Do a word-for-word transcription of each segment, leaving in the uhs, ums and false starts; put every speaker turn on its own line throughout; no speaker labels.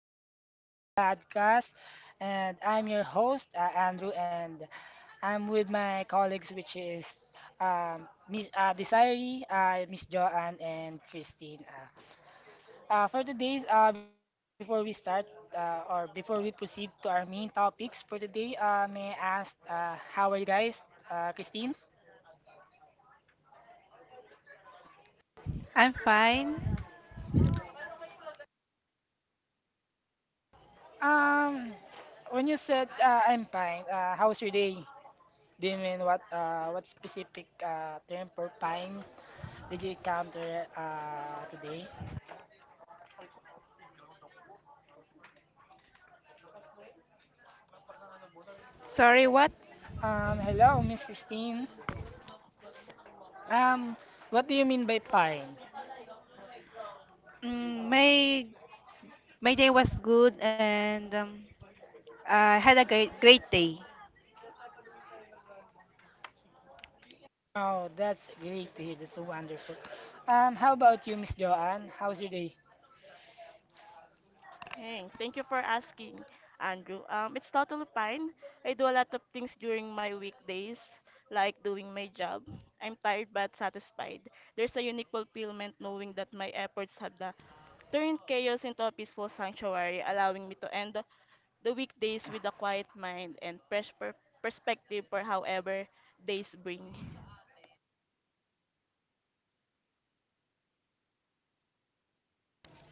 welc- Welcome to our podcast. And I'm your host, uh, Andrew, and I'm with my colleagues, which is um, Miss uh, Desiree, uh, Miss Joanne, and Christine. Uh, uh, for today's, uh, before we start, uh, or before we proceed to our main topics for today, uh, may I ask, uh, how are you guys, uh, Christine?
I'm fine.
Um, when you said, uh, I'm fine, uh, how's your day? Do you mean what uh what specific uh term for pine did you encounter uh today?
Sorry, what?
Um hello, Miss Christine. Um what do you mean by pine?
Mm, my my day was good and um, I had a great great day.
Oh, that's great to hear, that's so wonderful. Um how about you, Miss Joanne? How's your day?
Hey, thank you for asking, Andrew. Um, it's totally fine. I do a lot of things during my weekdays, like doing my job. I'm tired but satisfied. There's a unique fulfillment knowing that my efforts have the, turned chaos into a peaceful sanctuary, allowing me to end the the weekdays with a quiet mind and fresh per- perspective for however days bring.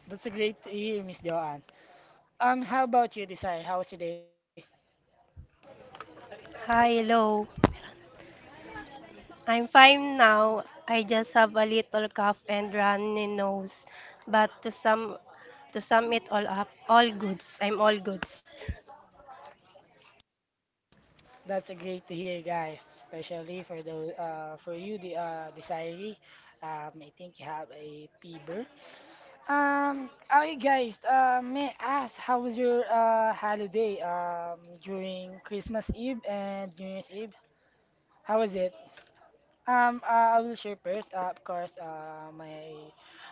That's a great to hear, Miss Joanne. Um how about you, Desire? How's your day?
Hi, hello. I'm fine now. I just have a little cough and runny nose. But to sum to sum it all up, all goods. I'm all goods.
That's a great to hear, guys, especially for the uh for you, the uh Desiree. Um I think you have a fever. Um, okay, guys. Uh, may I ask how was your uh holiday um during Christmas Eve and New Year's Eve? How was it? Um, uh, I will share first. Uh, of course, uh, my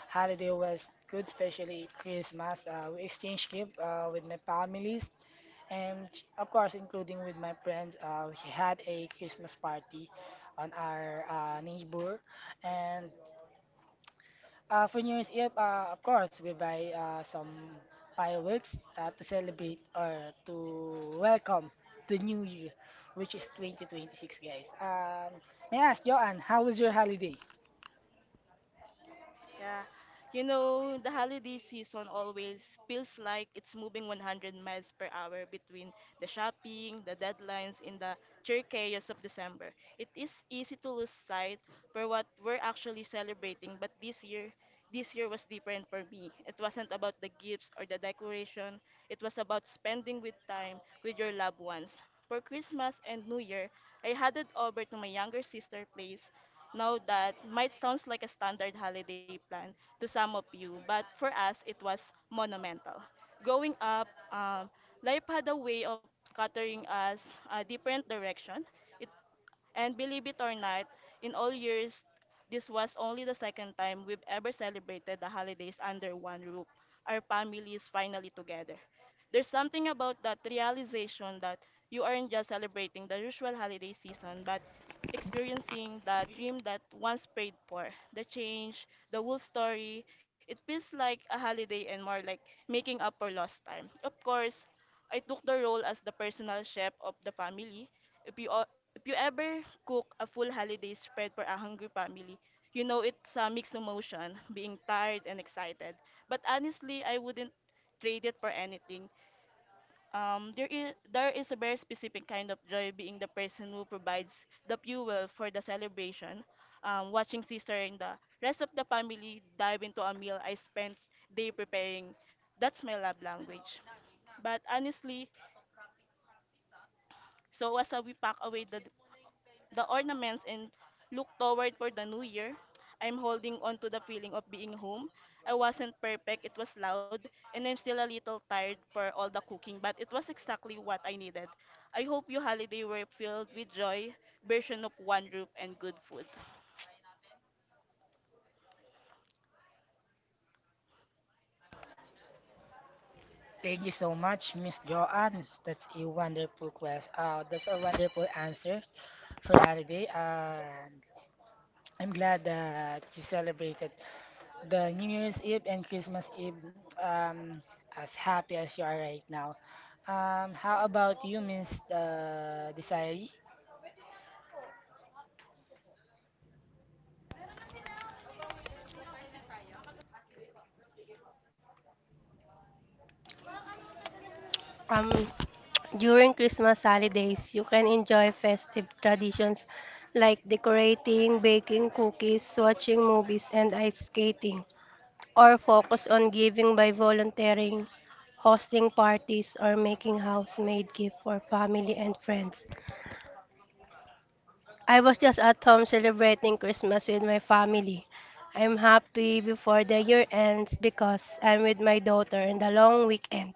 holiday was good, especially Christmas. Uh, we exchanged gift uh, with my families and of course, including with my friends. Uh, we had a Christmas party on our uh, neighbor, and Uh, for New Year's Eve, uh, of course, we buy uh, some fireworks uh, to celebrate or to welcome the new year, which is twenty twenty-six, guys. Um, may I ask, Joanne, how was your holiday?
Yeah. You know, the holiday season always feels like it's moving one hundred miles per hour between the shopping, the deadlines, and the sheer chaos of December. It is easy to lose sight for what we're actually celebrating, but this year, this year was different for me. It wasn't about the gifts or the decoration. It was about spending with time with your loved ones. For Christmas and New Year, I headed over to my younger sister' place now that might sounds like a standard holiday plan to some of you, but for us it was monumental. Growing up, um, life had a way of catering us a different direction. It and believe it or not, in all years, this was only the second time we've ever celebrated the holidays under one roof. Our family is finally together. There's something about that realization that you aren't just celebrating the usual holiday season, but experiencing the dream that once prayed for, the change, the whole story. It feels like a holiday and more like making up for lost time. Of course, I took the role as the personal chef of the family, if you o- if you ever cook a full holiday spread for a hungry family, you know it's a mixed emotion, being tired and excited. But honestly, I wouldn't trade it for anything. Um, there is there is a very specific kind of joy being the person who provides the fuel for the celebration. Um, watching sister and the rest of the family dive into a meal I spent day preparing. That's my love language. But honestly, so as uh, we pack away the the ornaments and look toward for the new year. I'm holding on to the feeling of being home. I wasn't perfect, it was loud, and I'm still a little tired for all the cooking, but it was exactly what I needed. I hope your holiday were filled with joy, version of one roof, and good food.
Thank you so much, Miss Joanne. That's a wonderful question. Uh, that's a wonderful answer for holiday. And I'm glad that you celebrated the New Year's Eve and Christmas Eve, um, as happy as you are right now. Um, how about you, Miss uh, Desiree?
Um During Christmas holidays, you can enjoy festive traditions like decorating, baking cookies, watching movies, and ice skating, or focus on giving by volunteering, hosting parties, or making house-made gifts for family and friends. I was just at home celebrating Christmas with my family. I'm happy before the year ends because I'm with my daughter in the long weekend.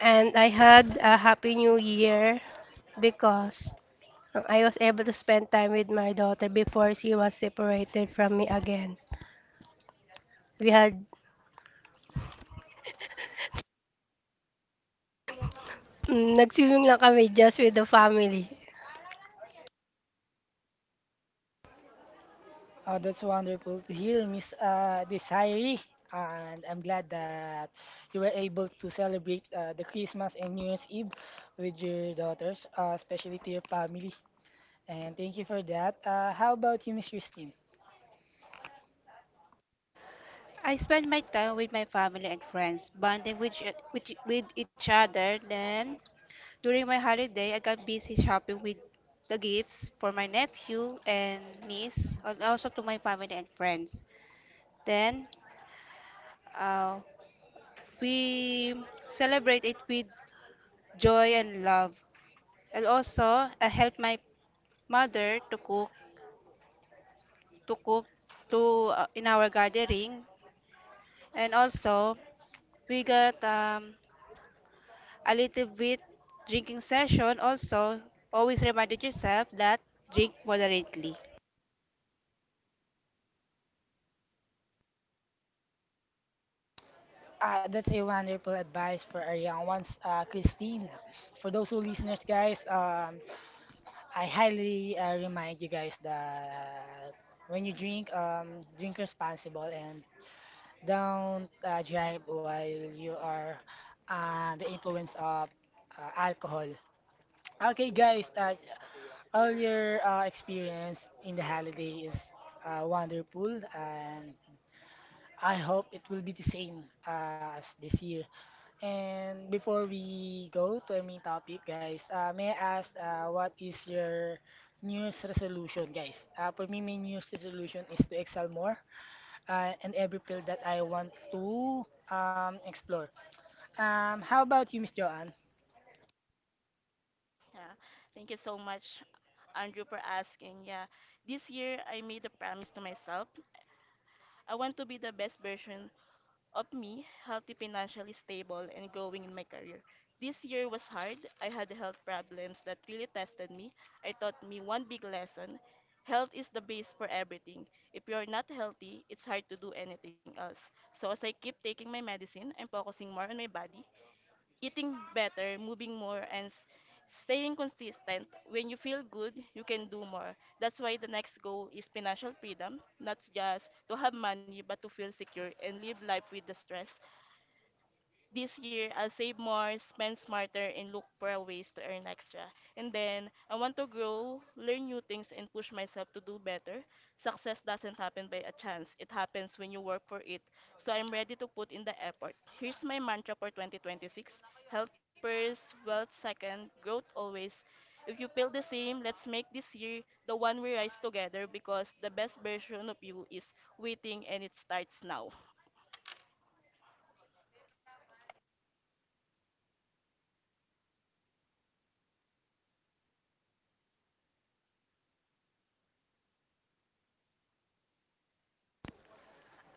And I had a happy new year because I was able to spend time with my daughter before she was separated from me again. We had mm, nagsimming lang kami just with the family.
Oh, that's wonderful to hear, Miss uh, Desiree. And I'm glad that you were able to celebrate uh, the Christmas and New Year's Eve with your daughters, uh, especially to your family. And thank you for that. Uh, how about you, Miss Christine?
I spent my time with my family and friends, bonding with each- with, with each other. Then during my holiday, I got busy shopping with the gifts for my nephew and niece, and also to my family and friends. Then uh, we celebrate it with joy and love, and also I help my mother to cook to cook to uh, in our gathering and also we got um, a little bit drinking session also always reminded yourself that drink moderately.
Ah, that's a wonderful advice for our young ones, uh, Christine. For those who listeners, guys, um, I highly uh, remind you guys that when you drink, um, drink responsible and don't uh, drive while you are uh, the influence of uh, alcohol. Okay, guys, uh, all your uh, experience in the holiday is uh, wonderful, and I hope it will be the same uh, as this year. And before we go to our main topic, guys, uh, may I ask, uh, what is your New Year's resolution, guys? Uh, for me, my New Year's resolution is to excel more uh, in every field that I want to um, explore. Um, how about you, Miss Joanne?
Yeah. Thank you so much, Andrew, for asking. Yeah. This year, I made a promise to myself. I want to be the best version of me, healthy, financially stable, and growing in my career. This year was hard. I had health problems that really tested me. I taught me one big lesson. Health is the base for everything. If you are not healthy, it's hard to do anything else. So as I keep taking my medicine, I'm focusing more on my body, eating better, moving more, and s- staying consistent. When you feel good, you can do more. That's why the next goal is financial freedom, not just to have money, but to feel secure and live life with the stress this year, I'll save more, spend smarter, and look for ways to earn extra. And then, I want to grow, learn new things, and push myself to do better. Success doesn't happen by a chance, it happens when you work for it. So, I'm ready to put in the effort. Here's my mantra for twenty twenty-six. Health first, wealth second, growth always. If you feel the same, let's make this year the one we rise together because the best version of you is waiting and it starts now.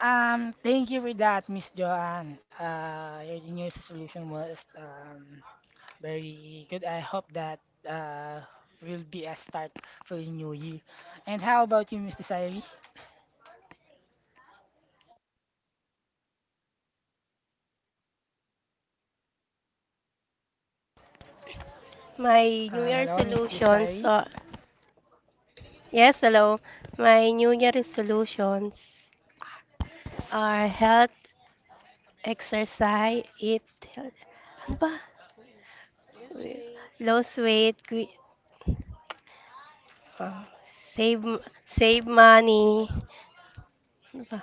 Um, thank you for that, Miss Joanne. Uh, your New Year's resolution was, um, very good. I hope that uh, will be a start for the new year. And how about you, Miss Desiree?
My New
Um,
Year
hello, Miss
resolutions
Desiree.
are yes, hello. My New Year resolutions are health, exercise, eat, ano ba? Lose weight, gui- ah, save, save money, ano ba?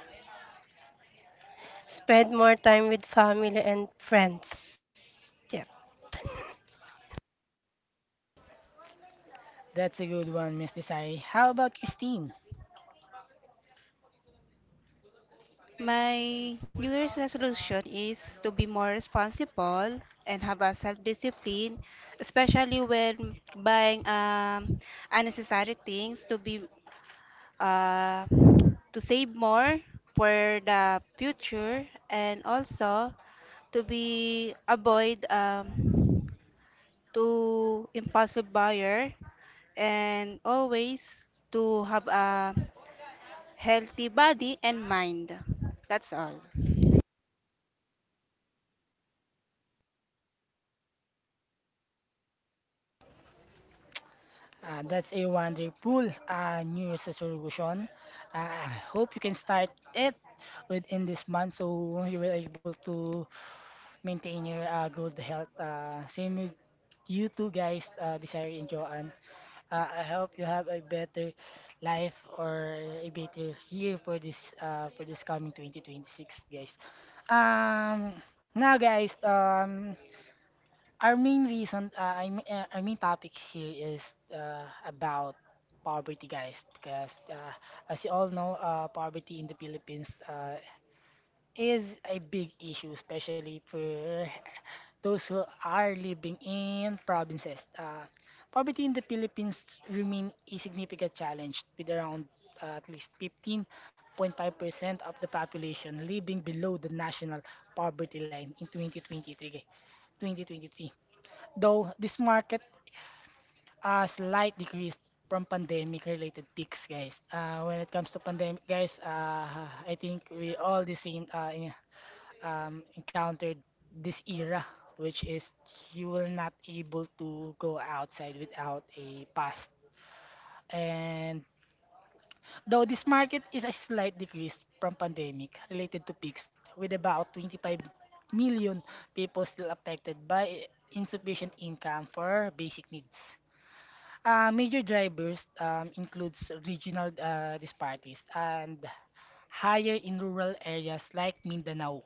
Spend more time with family and friends. Yeah.
That's a good one, Miss Desiree. How about Christine?
My new year's resolution is to be more responsible and have a self-discipline, especially when buying um, unnecessary things, to be uh, to save more for the future, and also to be avoid um, to impulsive buyer, and always to have a healthy body and mind. That's all.
Uh, that's a wonderful, uh, New Year's resolution. Uh, I hope you can start it within this month so you will able to maintain your uh, good health. Uh, same with you two guys, uh, Desiree and Joanne. Uh, I hope you have a better life or a better year for this uh, for this coming twenty twenty-six, guys. Um, Now, guys, um, our main reason, uh, I mean, uh, our main topic here is uh, about poverty, guys, because uh, as you all know, uh, poverty in the Philippines. Uh, is a big issue, especially for those who are living in provinces. Uh, poverty in the Philippines remain a significant challenge, with around, uh, at least fifteen point five percent of the population living below the national poverty line in twenty twenty-three. twenty twenty-three. Though this market a slight decrease from pandemic related peaks, guys, uh, when it comes to pandemic, guys, uh, I think we all the same, uh, in- um, encountered this era, which is you will not able to go outside without a pass. And though this market is a slight decrease from pandemic related to peaks, with about twenty-five million people still affected by insufficient income for basic needs. Uh, major drivers, um, includes regional, uh, disparities and higher in rural areas like Mindanao.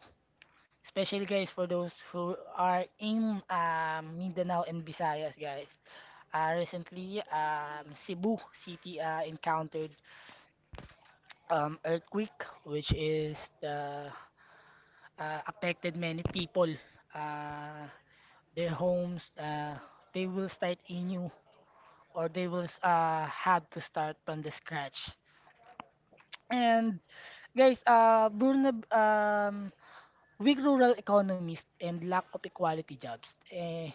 Especially, guys, for those who are in, um, Mindanao and Visayas, guys. Uh, recently, um, Cebu City uh, encountered, um, earthquake which is the uh, affected many people. Uh, their homes, uh, they will start anew or they will uh, have to start from the scratch. And guys, uh, vulner- um, weak rural economies and lack of equality jobs. Eh,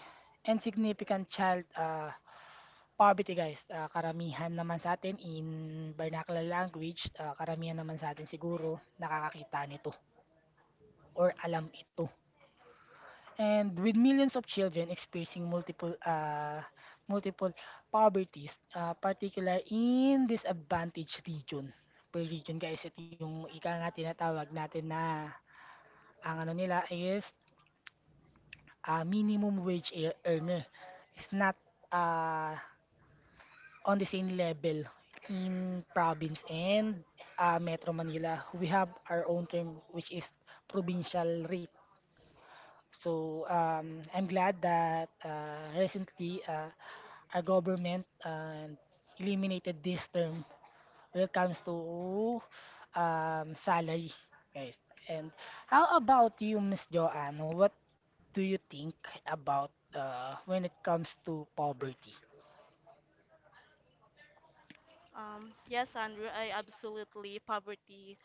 And significant child uh, poverty, guys. Ah, karamihan naman sa atin in vernacular language, ah, karamihan naman sa atin siguro nakakakita nito or alam ito. And with millions of children experiencing multiple ah, multiple poverties, ah, particular in disadvantaged region. Per region, guys, ito yung ika nga tinatawag natin na ang ano nila is, uh, minimum wage ear- earner is not, uh, on the same level in province and, uh, Metro Manila. We have our own term which is provincial rate. So, um, I'm glad that uh, recently, uh, our government uh, eliminated this term when it comes to, um, salary, guys. And how about you, Miss Joanne? What do you think about, uh, when it comes to poverty?
Um, yes, Andrew, I absolutely. Poverty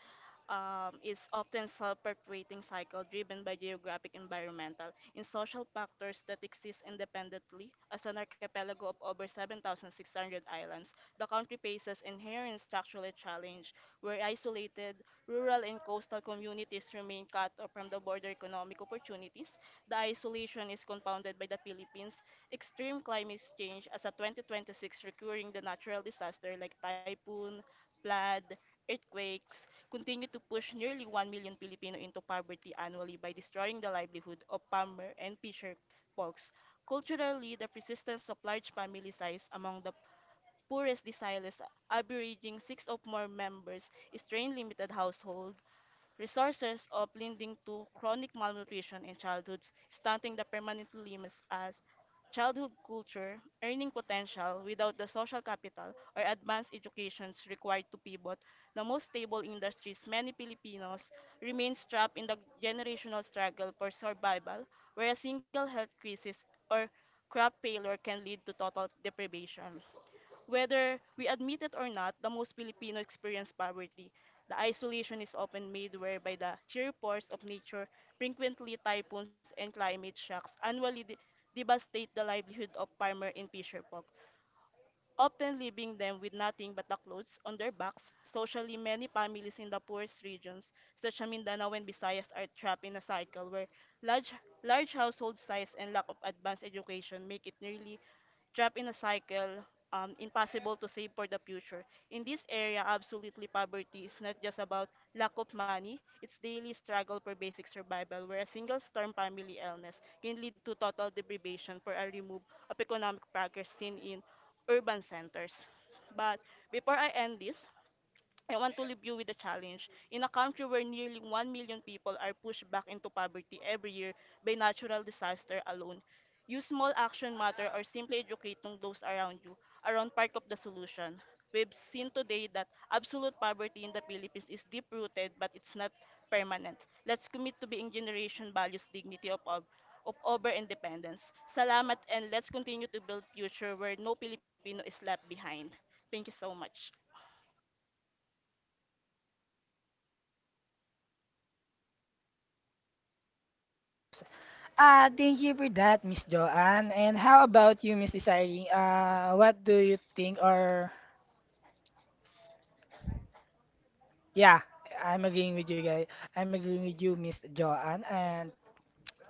um, is often self-perpetuating cycle driven by geographic, environmental, and social factors that exist independently. As an archipelago of over seven thousand six hundred islands, the country faces inherent structural challenge where isolated, rural, and coastal communities remain cut off from the border economic opportunities. The isolation is compounded by the Philippines' extreme climate change as a twenty twenty-six recurring the natural disaster like typhoon, flood, earthquakes continue to push nearly one million Filipino into poverty annually by destroying the livelihood of farmer and fisher folks. Culturally, the persistence of large family size among the poorest deciles averaging six or more members strain limited household resources of leading to chronic malnutrition in childhoods, stunting the permanent limbs as childhood culture, earning potential without the social capital or advanced educations required to pivot, the most stable industries many Filipinos remain trapped in the generational struggle for survival, where a single health crisis or crop failure can lead to total deprivation. Whether we admit it or not, the most Filipino experience poverty. The isolation is often made whereby the sheer force of nature, frequently typhoons and climate shocks, annually de- devastate the livelihood of farmer and fisher folk often leaving them with nothing but the clothes on their backs. Socially, many families in the poorest regions, such as Mindanao and Visayas, are trapped in a cycle where large, large household size and lack of advanced education make it nearly trapped in a cycle um, impossible to save for the future. In this area, absolutely poverty is not just about lack of money, it's daily struggle for basic survival where a single storm family illness can lead to total deprivation for a remove of economic progress seen in urban centers. But before I end this, I want to leave you with a challenge. In a country where nearly one million people are pushed back into poverty every year by natural disaster alone, you small action matter or simply educating those around you around part of the solution. We've seen today that absolute poverty in the Philippines is deep rooted but it's not permanent. Let's commit to being generation values dignity of all of over independence. Salamat and let's continue to build future where no Filipino is left behind. Thank you so much.
Ah, thank you for that, Miss Joanne. And how about you, Miss Desiree? Uh, what do you think? Or yeah, I'm agreeing with you guys. I'm agreeing with you, Miss Joanne. And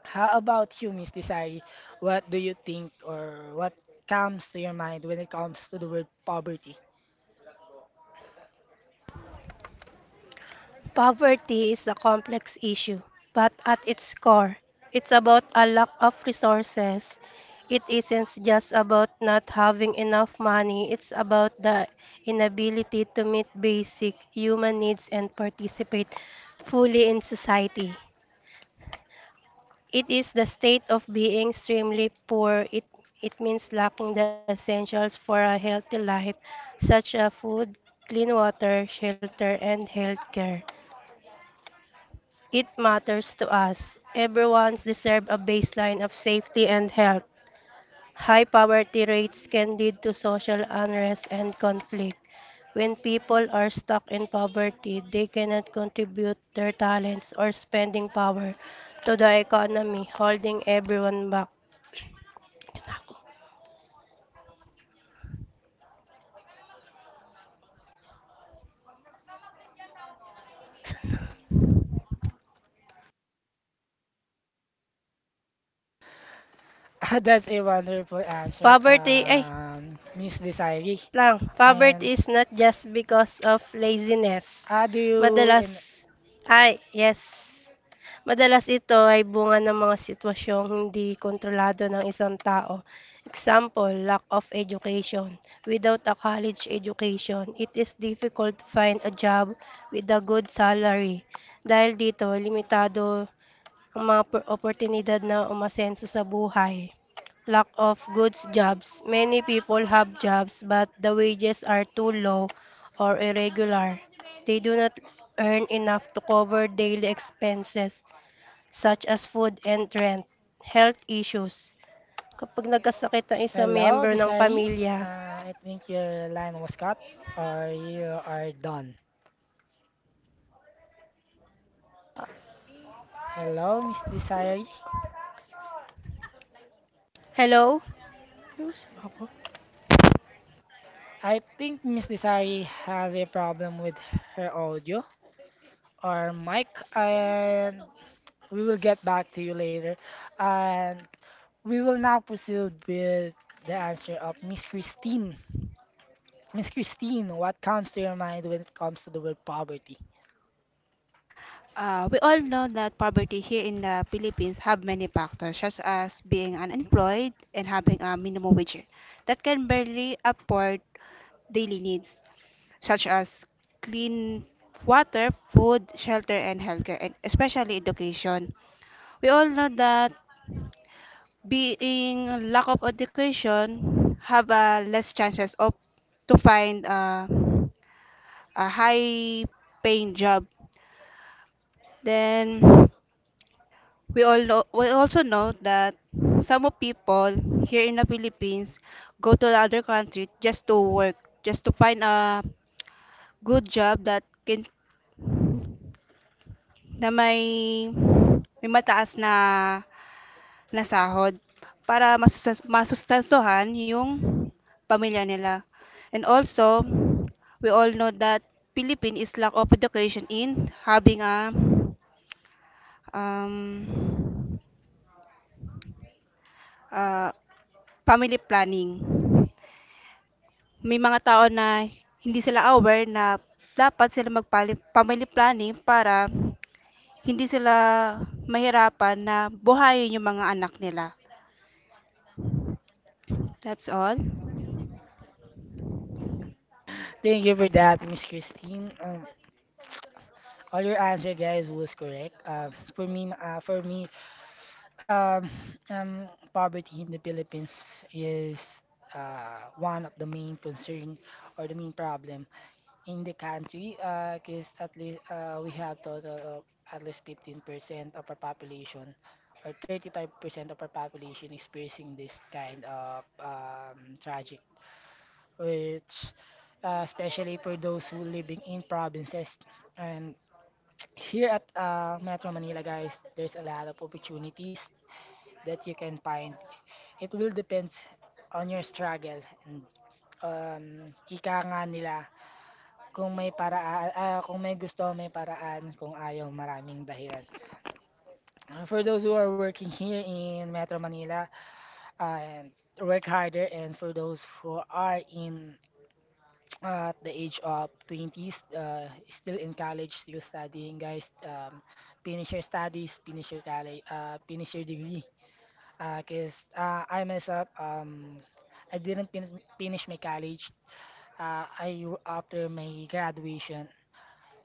how about you, Miss Desiree? What do you think, or what comes to your mind when it comes to the word poverty?
Poverty is a complex issue, but at its core, it's about a lack of resources. It isn't just about not having enough money, it's about the inability to meet basic human needs and participate fully in society. It is the state of being extremely poor. It, it means lacking the essentials for a healthy life, such as food, clean water, shelter, and health care. It matters to us. Everyone's deserve a baseline of safety and health. High poverty rates can lead to social unrest and conflict. When people are stuck in poverty, they cannot contribute their talents or spending power to the economy, holding everyone back.
That's a wonderful answer,
Poverty, ay,
um, Miss Desiree.
lang. Poverty
And
is not just because of laziness.
uh, do you
Madalas,
in
ay, yes. Madalas ito ay bunga ng mga sitwasyong hindi kontrolado ng isang tao. Example, lack of education. Without a college education, it is difficult to find a job with a good salary. Dahil dito, limitado ang mga por- oportunidad na umasenso sa buhay. Lack of good jobs. Many people have jobs but the wages are too low or irregular. They do not earn enough to cover daily expenses such as food and rent, health issues. Kapag nagkasakit ang isang
Hello,
member ng
Desiree?
pamilya,
Uh, I think your line was cut, or you are done. Hello, Miss Desiree.
hello? Ayusin mo ako.
I think Miss Desiree has a problem with her audio or mic, and we will get back to you later. And we will now proceed with the answer of Miss Christine. Miss Christine, what comes to your mind when it comes to the word poverty?
Uh, we all know that poverty here in the Philippines have many factors, such as being unemployed and having a minimum wage that can barely afford daily needs, such as clean water, food, shelter, and healthcare, and especially education. We all know that being lack of education have a less chances of to find uh, a high paying job. Then we all know, we also know that some of people here in the Philippines go to the other country just to work, just to find a good job that can na may may mataas na na sahod para masustas- masustansuhan yung pamilya nila. And also, we all know that Philippine is lack of education in having a um, uh, family planning. May mga tao na hindi sila aware na dapat sila mag-family planning para hindi sila mahirapan na buhayin yung mga anak nila. That's all.
Thank you for that, Miss Christine. Um, all your answer, guys, was correct. Uh, for me, uh, for me, um, um, poverty in the Philippines is, uh, one of the main concern or the main problem in the country. Because at least, uh, we have total of at least fifteen percent of our population or thirty-five percent of our population experiencing this kind of, um, tragic, which uh, especially for those who living in provinces. And here at, uh, Metro Manila, guys, there's a lot of opportunities that you can find. It will depends on your struggle and, um, ika nga nila kung may paraan, ah, kung may gusto, may paraan, kung ayaw, maraming dahilan. Uh, for those who are working here in Metro Manila, uh, work harder and for those who are in, uh, at the age of twenties, uh, still in college, still studying, guys. Um, finish your studies, finish your college, uh, finish your degree. Because, uh, uh, I myself, um, I didn't fin- finish my college. Uh, I After my graduation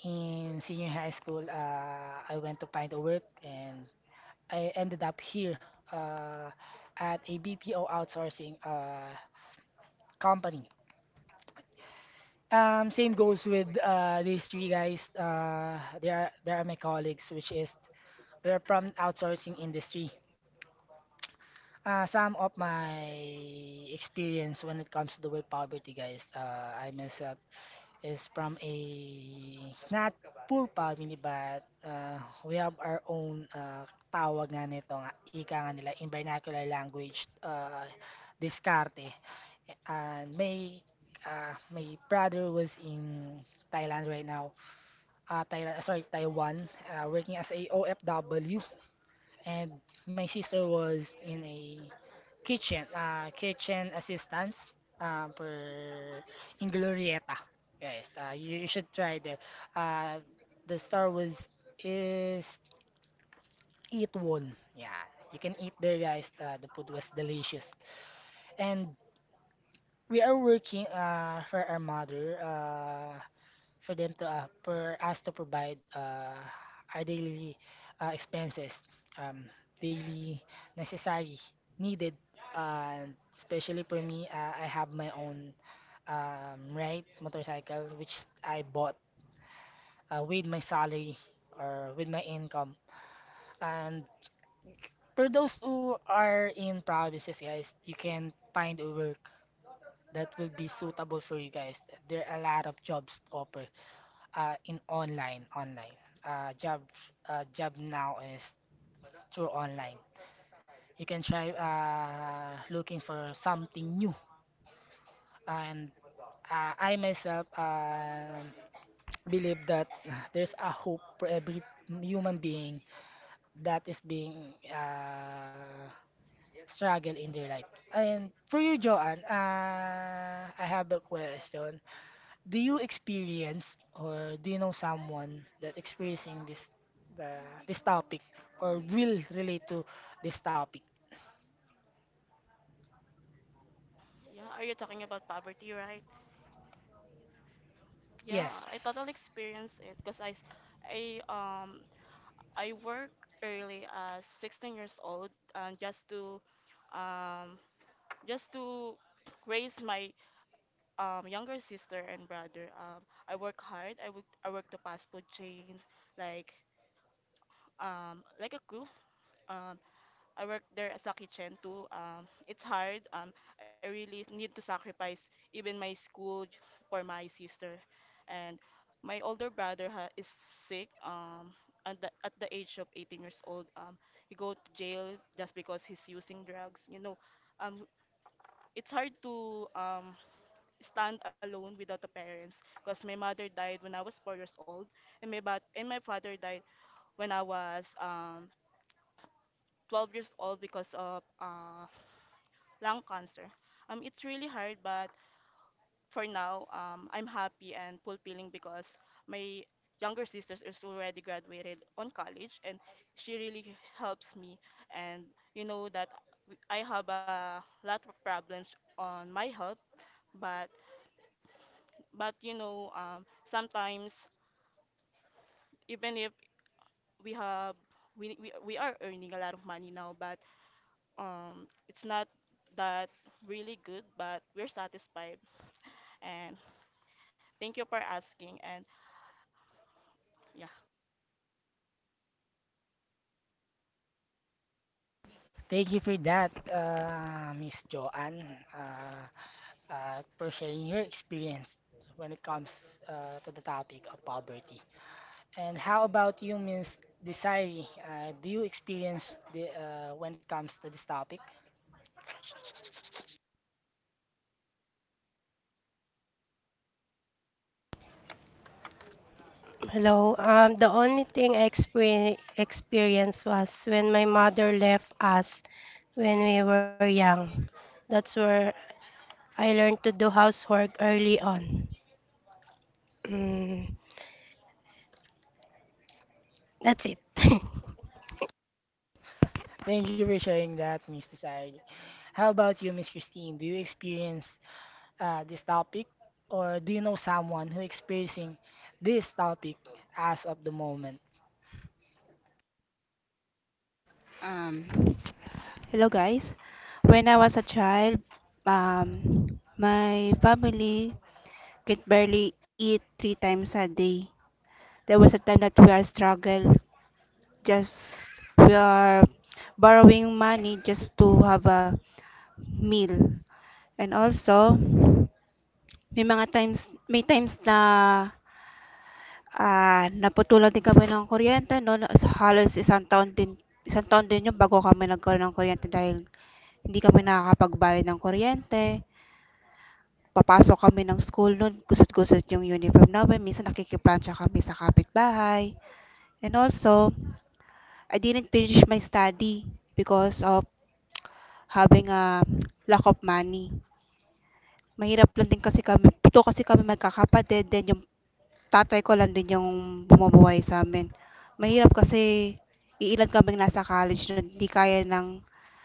in senior high school, uh, I went to find a work and I ended up here, uh, at A B P O outsourcing uh, company. Um, same goes with uh, these three guys. Uh, they are they are my colleagues, which is they are from outsourcing industry. Uh, some of my experience when it comes to the word poverty, guys. Uh, I myself is from a not poor family, but uh, we have our own, uh, tawag nga nito, nga- ika nga nila in vernacular language, uh, diskarte. And my uh, my brother was in Thailand right now, uh, Thailand, sorry, Taiwan, uh, working as a O F W, and my sister was in a kitchen, uh, kitchen assistance, um, for in Glorieta. Guys, uh, you, you should try there. Uh, the store was is Eat One. Yeah, you can eat there, guys. Uh, the food was delicious, and we are working, uh, for our mother. Uh, for them to uh, for us to provide, uh, our daily, uh, expenses, um, daily necessary needed, and especially for me, uh, I have my own, um, right motorcycle which I bought, uh, with my salary or with my income. And for those who are in provinces, guys, you can find a work that will be suitable for you guys. There are a lot of jobs to offer, uh, in online online uh, job uh, job now is through online. You can try, uh, looking for something new and, uh, i myself, um believe that there's a hope for every human being that is being, uh, struggle in their life. And for you, joanne, uh, i have a question. Do you experience or do you know someone that experiencing this the this topic or will relate to this topic?
Yeah, are you talking about poverty, right?
Yes.
Yeah, I totally experienced it because I, s- I um I work early as sixteen years old and just to um just to raise my um younger sister and brother. Um, I work hard. I work I work the fast food chains like um like a cook. I work there as a kitchen too. Um, it's hard. Um, I really need to sacrifice even my school j- for my sister, and my older brother ha- is sick. Um, at the, at the age of eighteen years old, um, he go to jail just because he's using drugs. You know, um, it's hard to um stand alone without the parents because my mother died when I was four years old, and my bat- and my father died when I was um twelve years old because of uh, lung cancer. Um, it's really hard, but for now, um, I'm happy and fulfilling because my younger sister is already graduated on college, and she really helps me. And you know that w- I have a lot of problems on my health, but but you know, um, sometimes even if we have we, we, we are earning a lot of money now, but um, it's not that really good, but we're satisfied and thank you for asking. And yeah.
Thank you for that, uh, Miss Joanne, uh, uh, for sharing your experience when it comes, uh, to the topic of poverty. And how about you, Miss Desiree? Uh, do you experience the uh, when it comes to this topic?
Hello, um, the only thing I exper- experienced was when my mother left us when we were young. That's where I learned to do housework early on. Mm, that's it.
Thank you for sharing that, Miss Desiree. How about you, Miss Christine? Do you experience, uh, this topic, or do you know someone who experiencing this topic as of the moment?
Um, hello guys. When I was a child, um, my family could barely eat three times a day. There was a time that we are struggle, just we are borrowing money just to have a meal. And also, may mga times, may times na ah, naputulan din kami ng kuryente, no? Na- Halos isang taon din, isang taon din yun bago kami nagkaroon ng kuryente dahil hindi kami nakakapagbayad ng kuryente. Papasok kami ng school noon, gusot-gusot yung uniform namin. Minsan nakikiplansya kami sa kapitbahay. And also, I didn't finish my study because of having a lack of money. Mahirap lang din kasi kami, pito kasi kami magkakapatid, then yung tatay ko lang din yung bumubuhay sa amin. Mahirap kasi iilan kaming nasa college na hindi kaya ng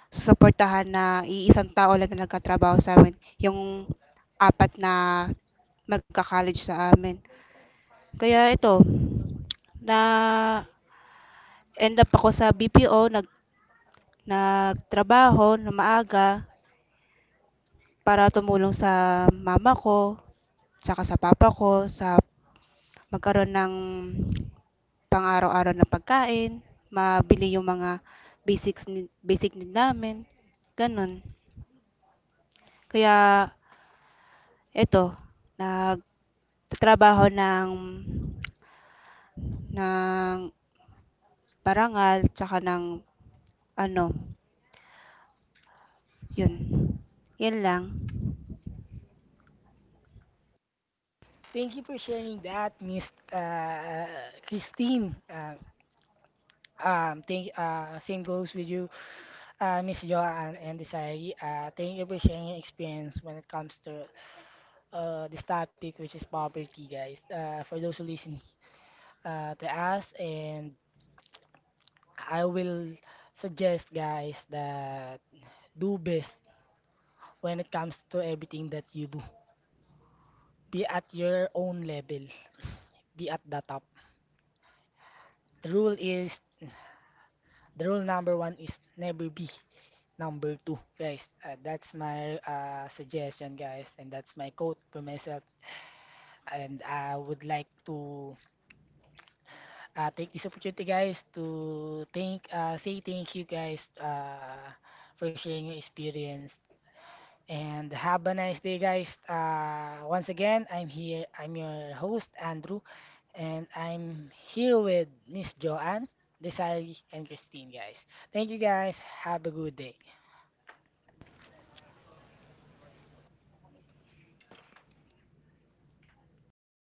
susuportahan na iisang tao lang na nagkatrabaho sa amin, yung apat na magka-college sa amin. Kaya ito, na-end up ako sa B P O, nag nagtrabaho na maaga para tumulong sa mama ko, tsaka sa papa ko sa magkaroon ng pang-araw-araw na pagkain, mabili yung mga basics need basic need namin, gano'n. Kaya eto, nag nagtatrabaho ng ng parangal tsaka ng ano, yun. Yun lang.
Thank you for sharing that, Miss uh, Christine. Uh, um, thank uh, Same goes with you, uh, Miss Joanne and Desiree. Uh, thank you for sharing your experience when it comes to, uh, this topic, which is poverty, guys. Uh, for those who listen, uh, to us and I will suggest, guys, that do best when it comes to everything that you do. Be at your own level. Be at the top. The rule is the rule number one is never be number two, guys. Uh, that's my, uh, suggestion, guys, and that's my quote for myself. And I would like to, uh, take this opportunity, guys, to thank uh, say thank you, guys, uh, for sharing your experience. And have a nice day, guys. Uh, once again, I'm here. I'm your host, Andrew, and I'm here with Miss Joanne, Desiree, and Christine, guys. Thank you, guys. Have a good day.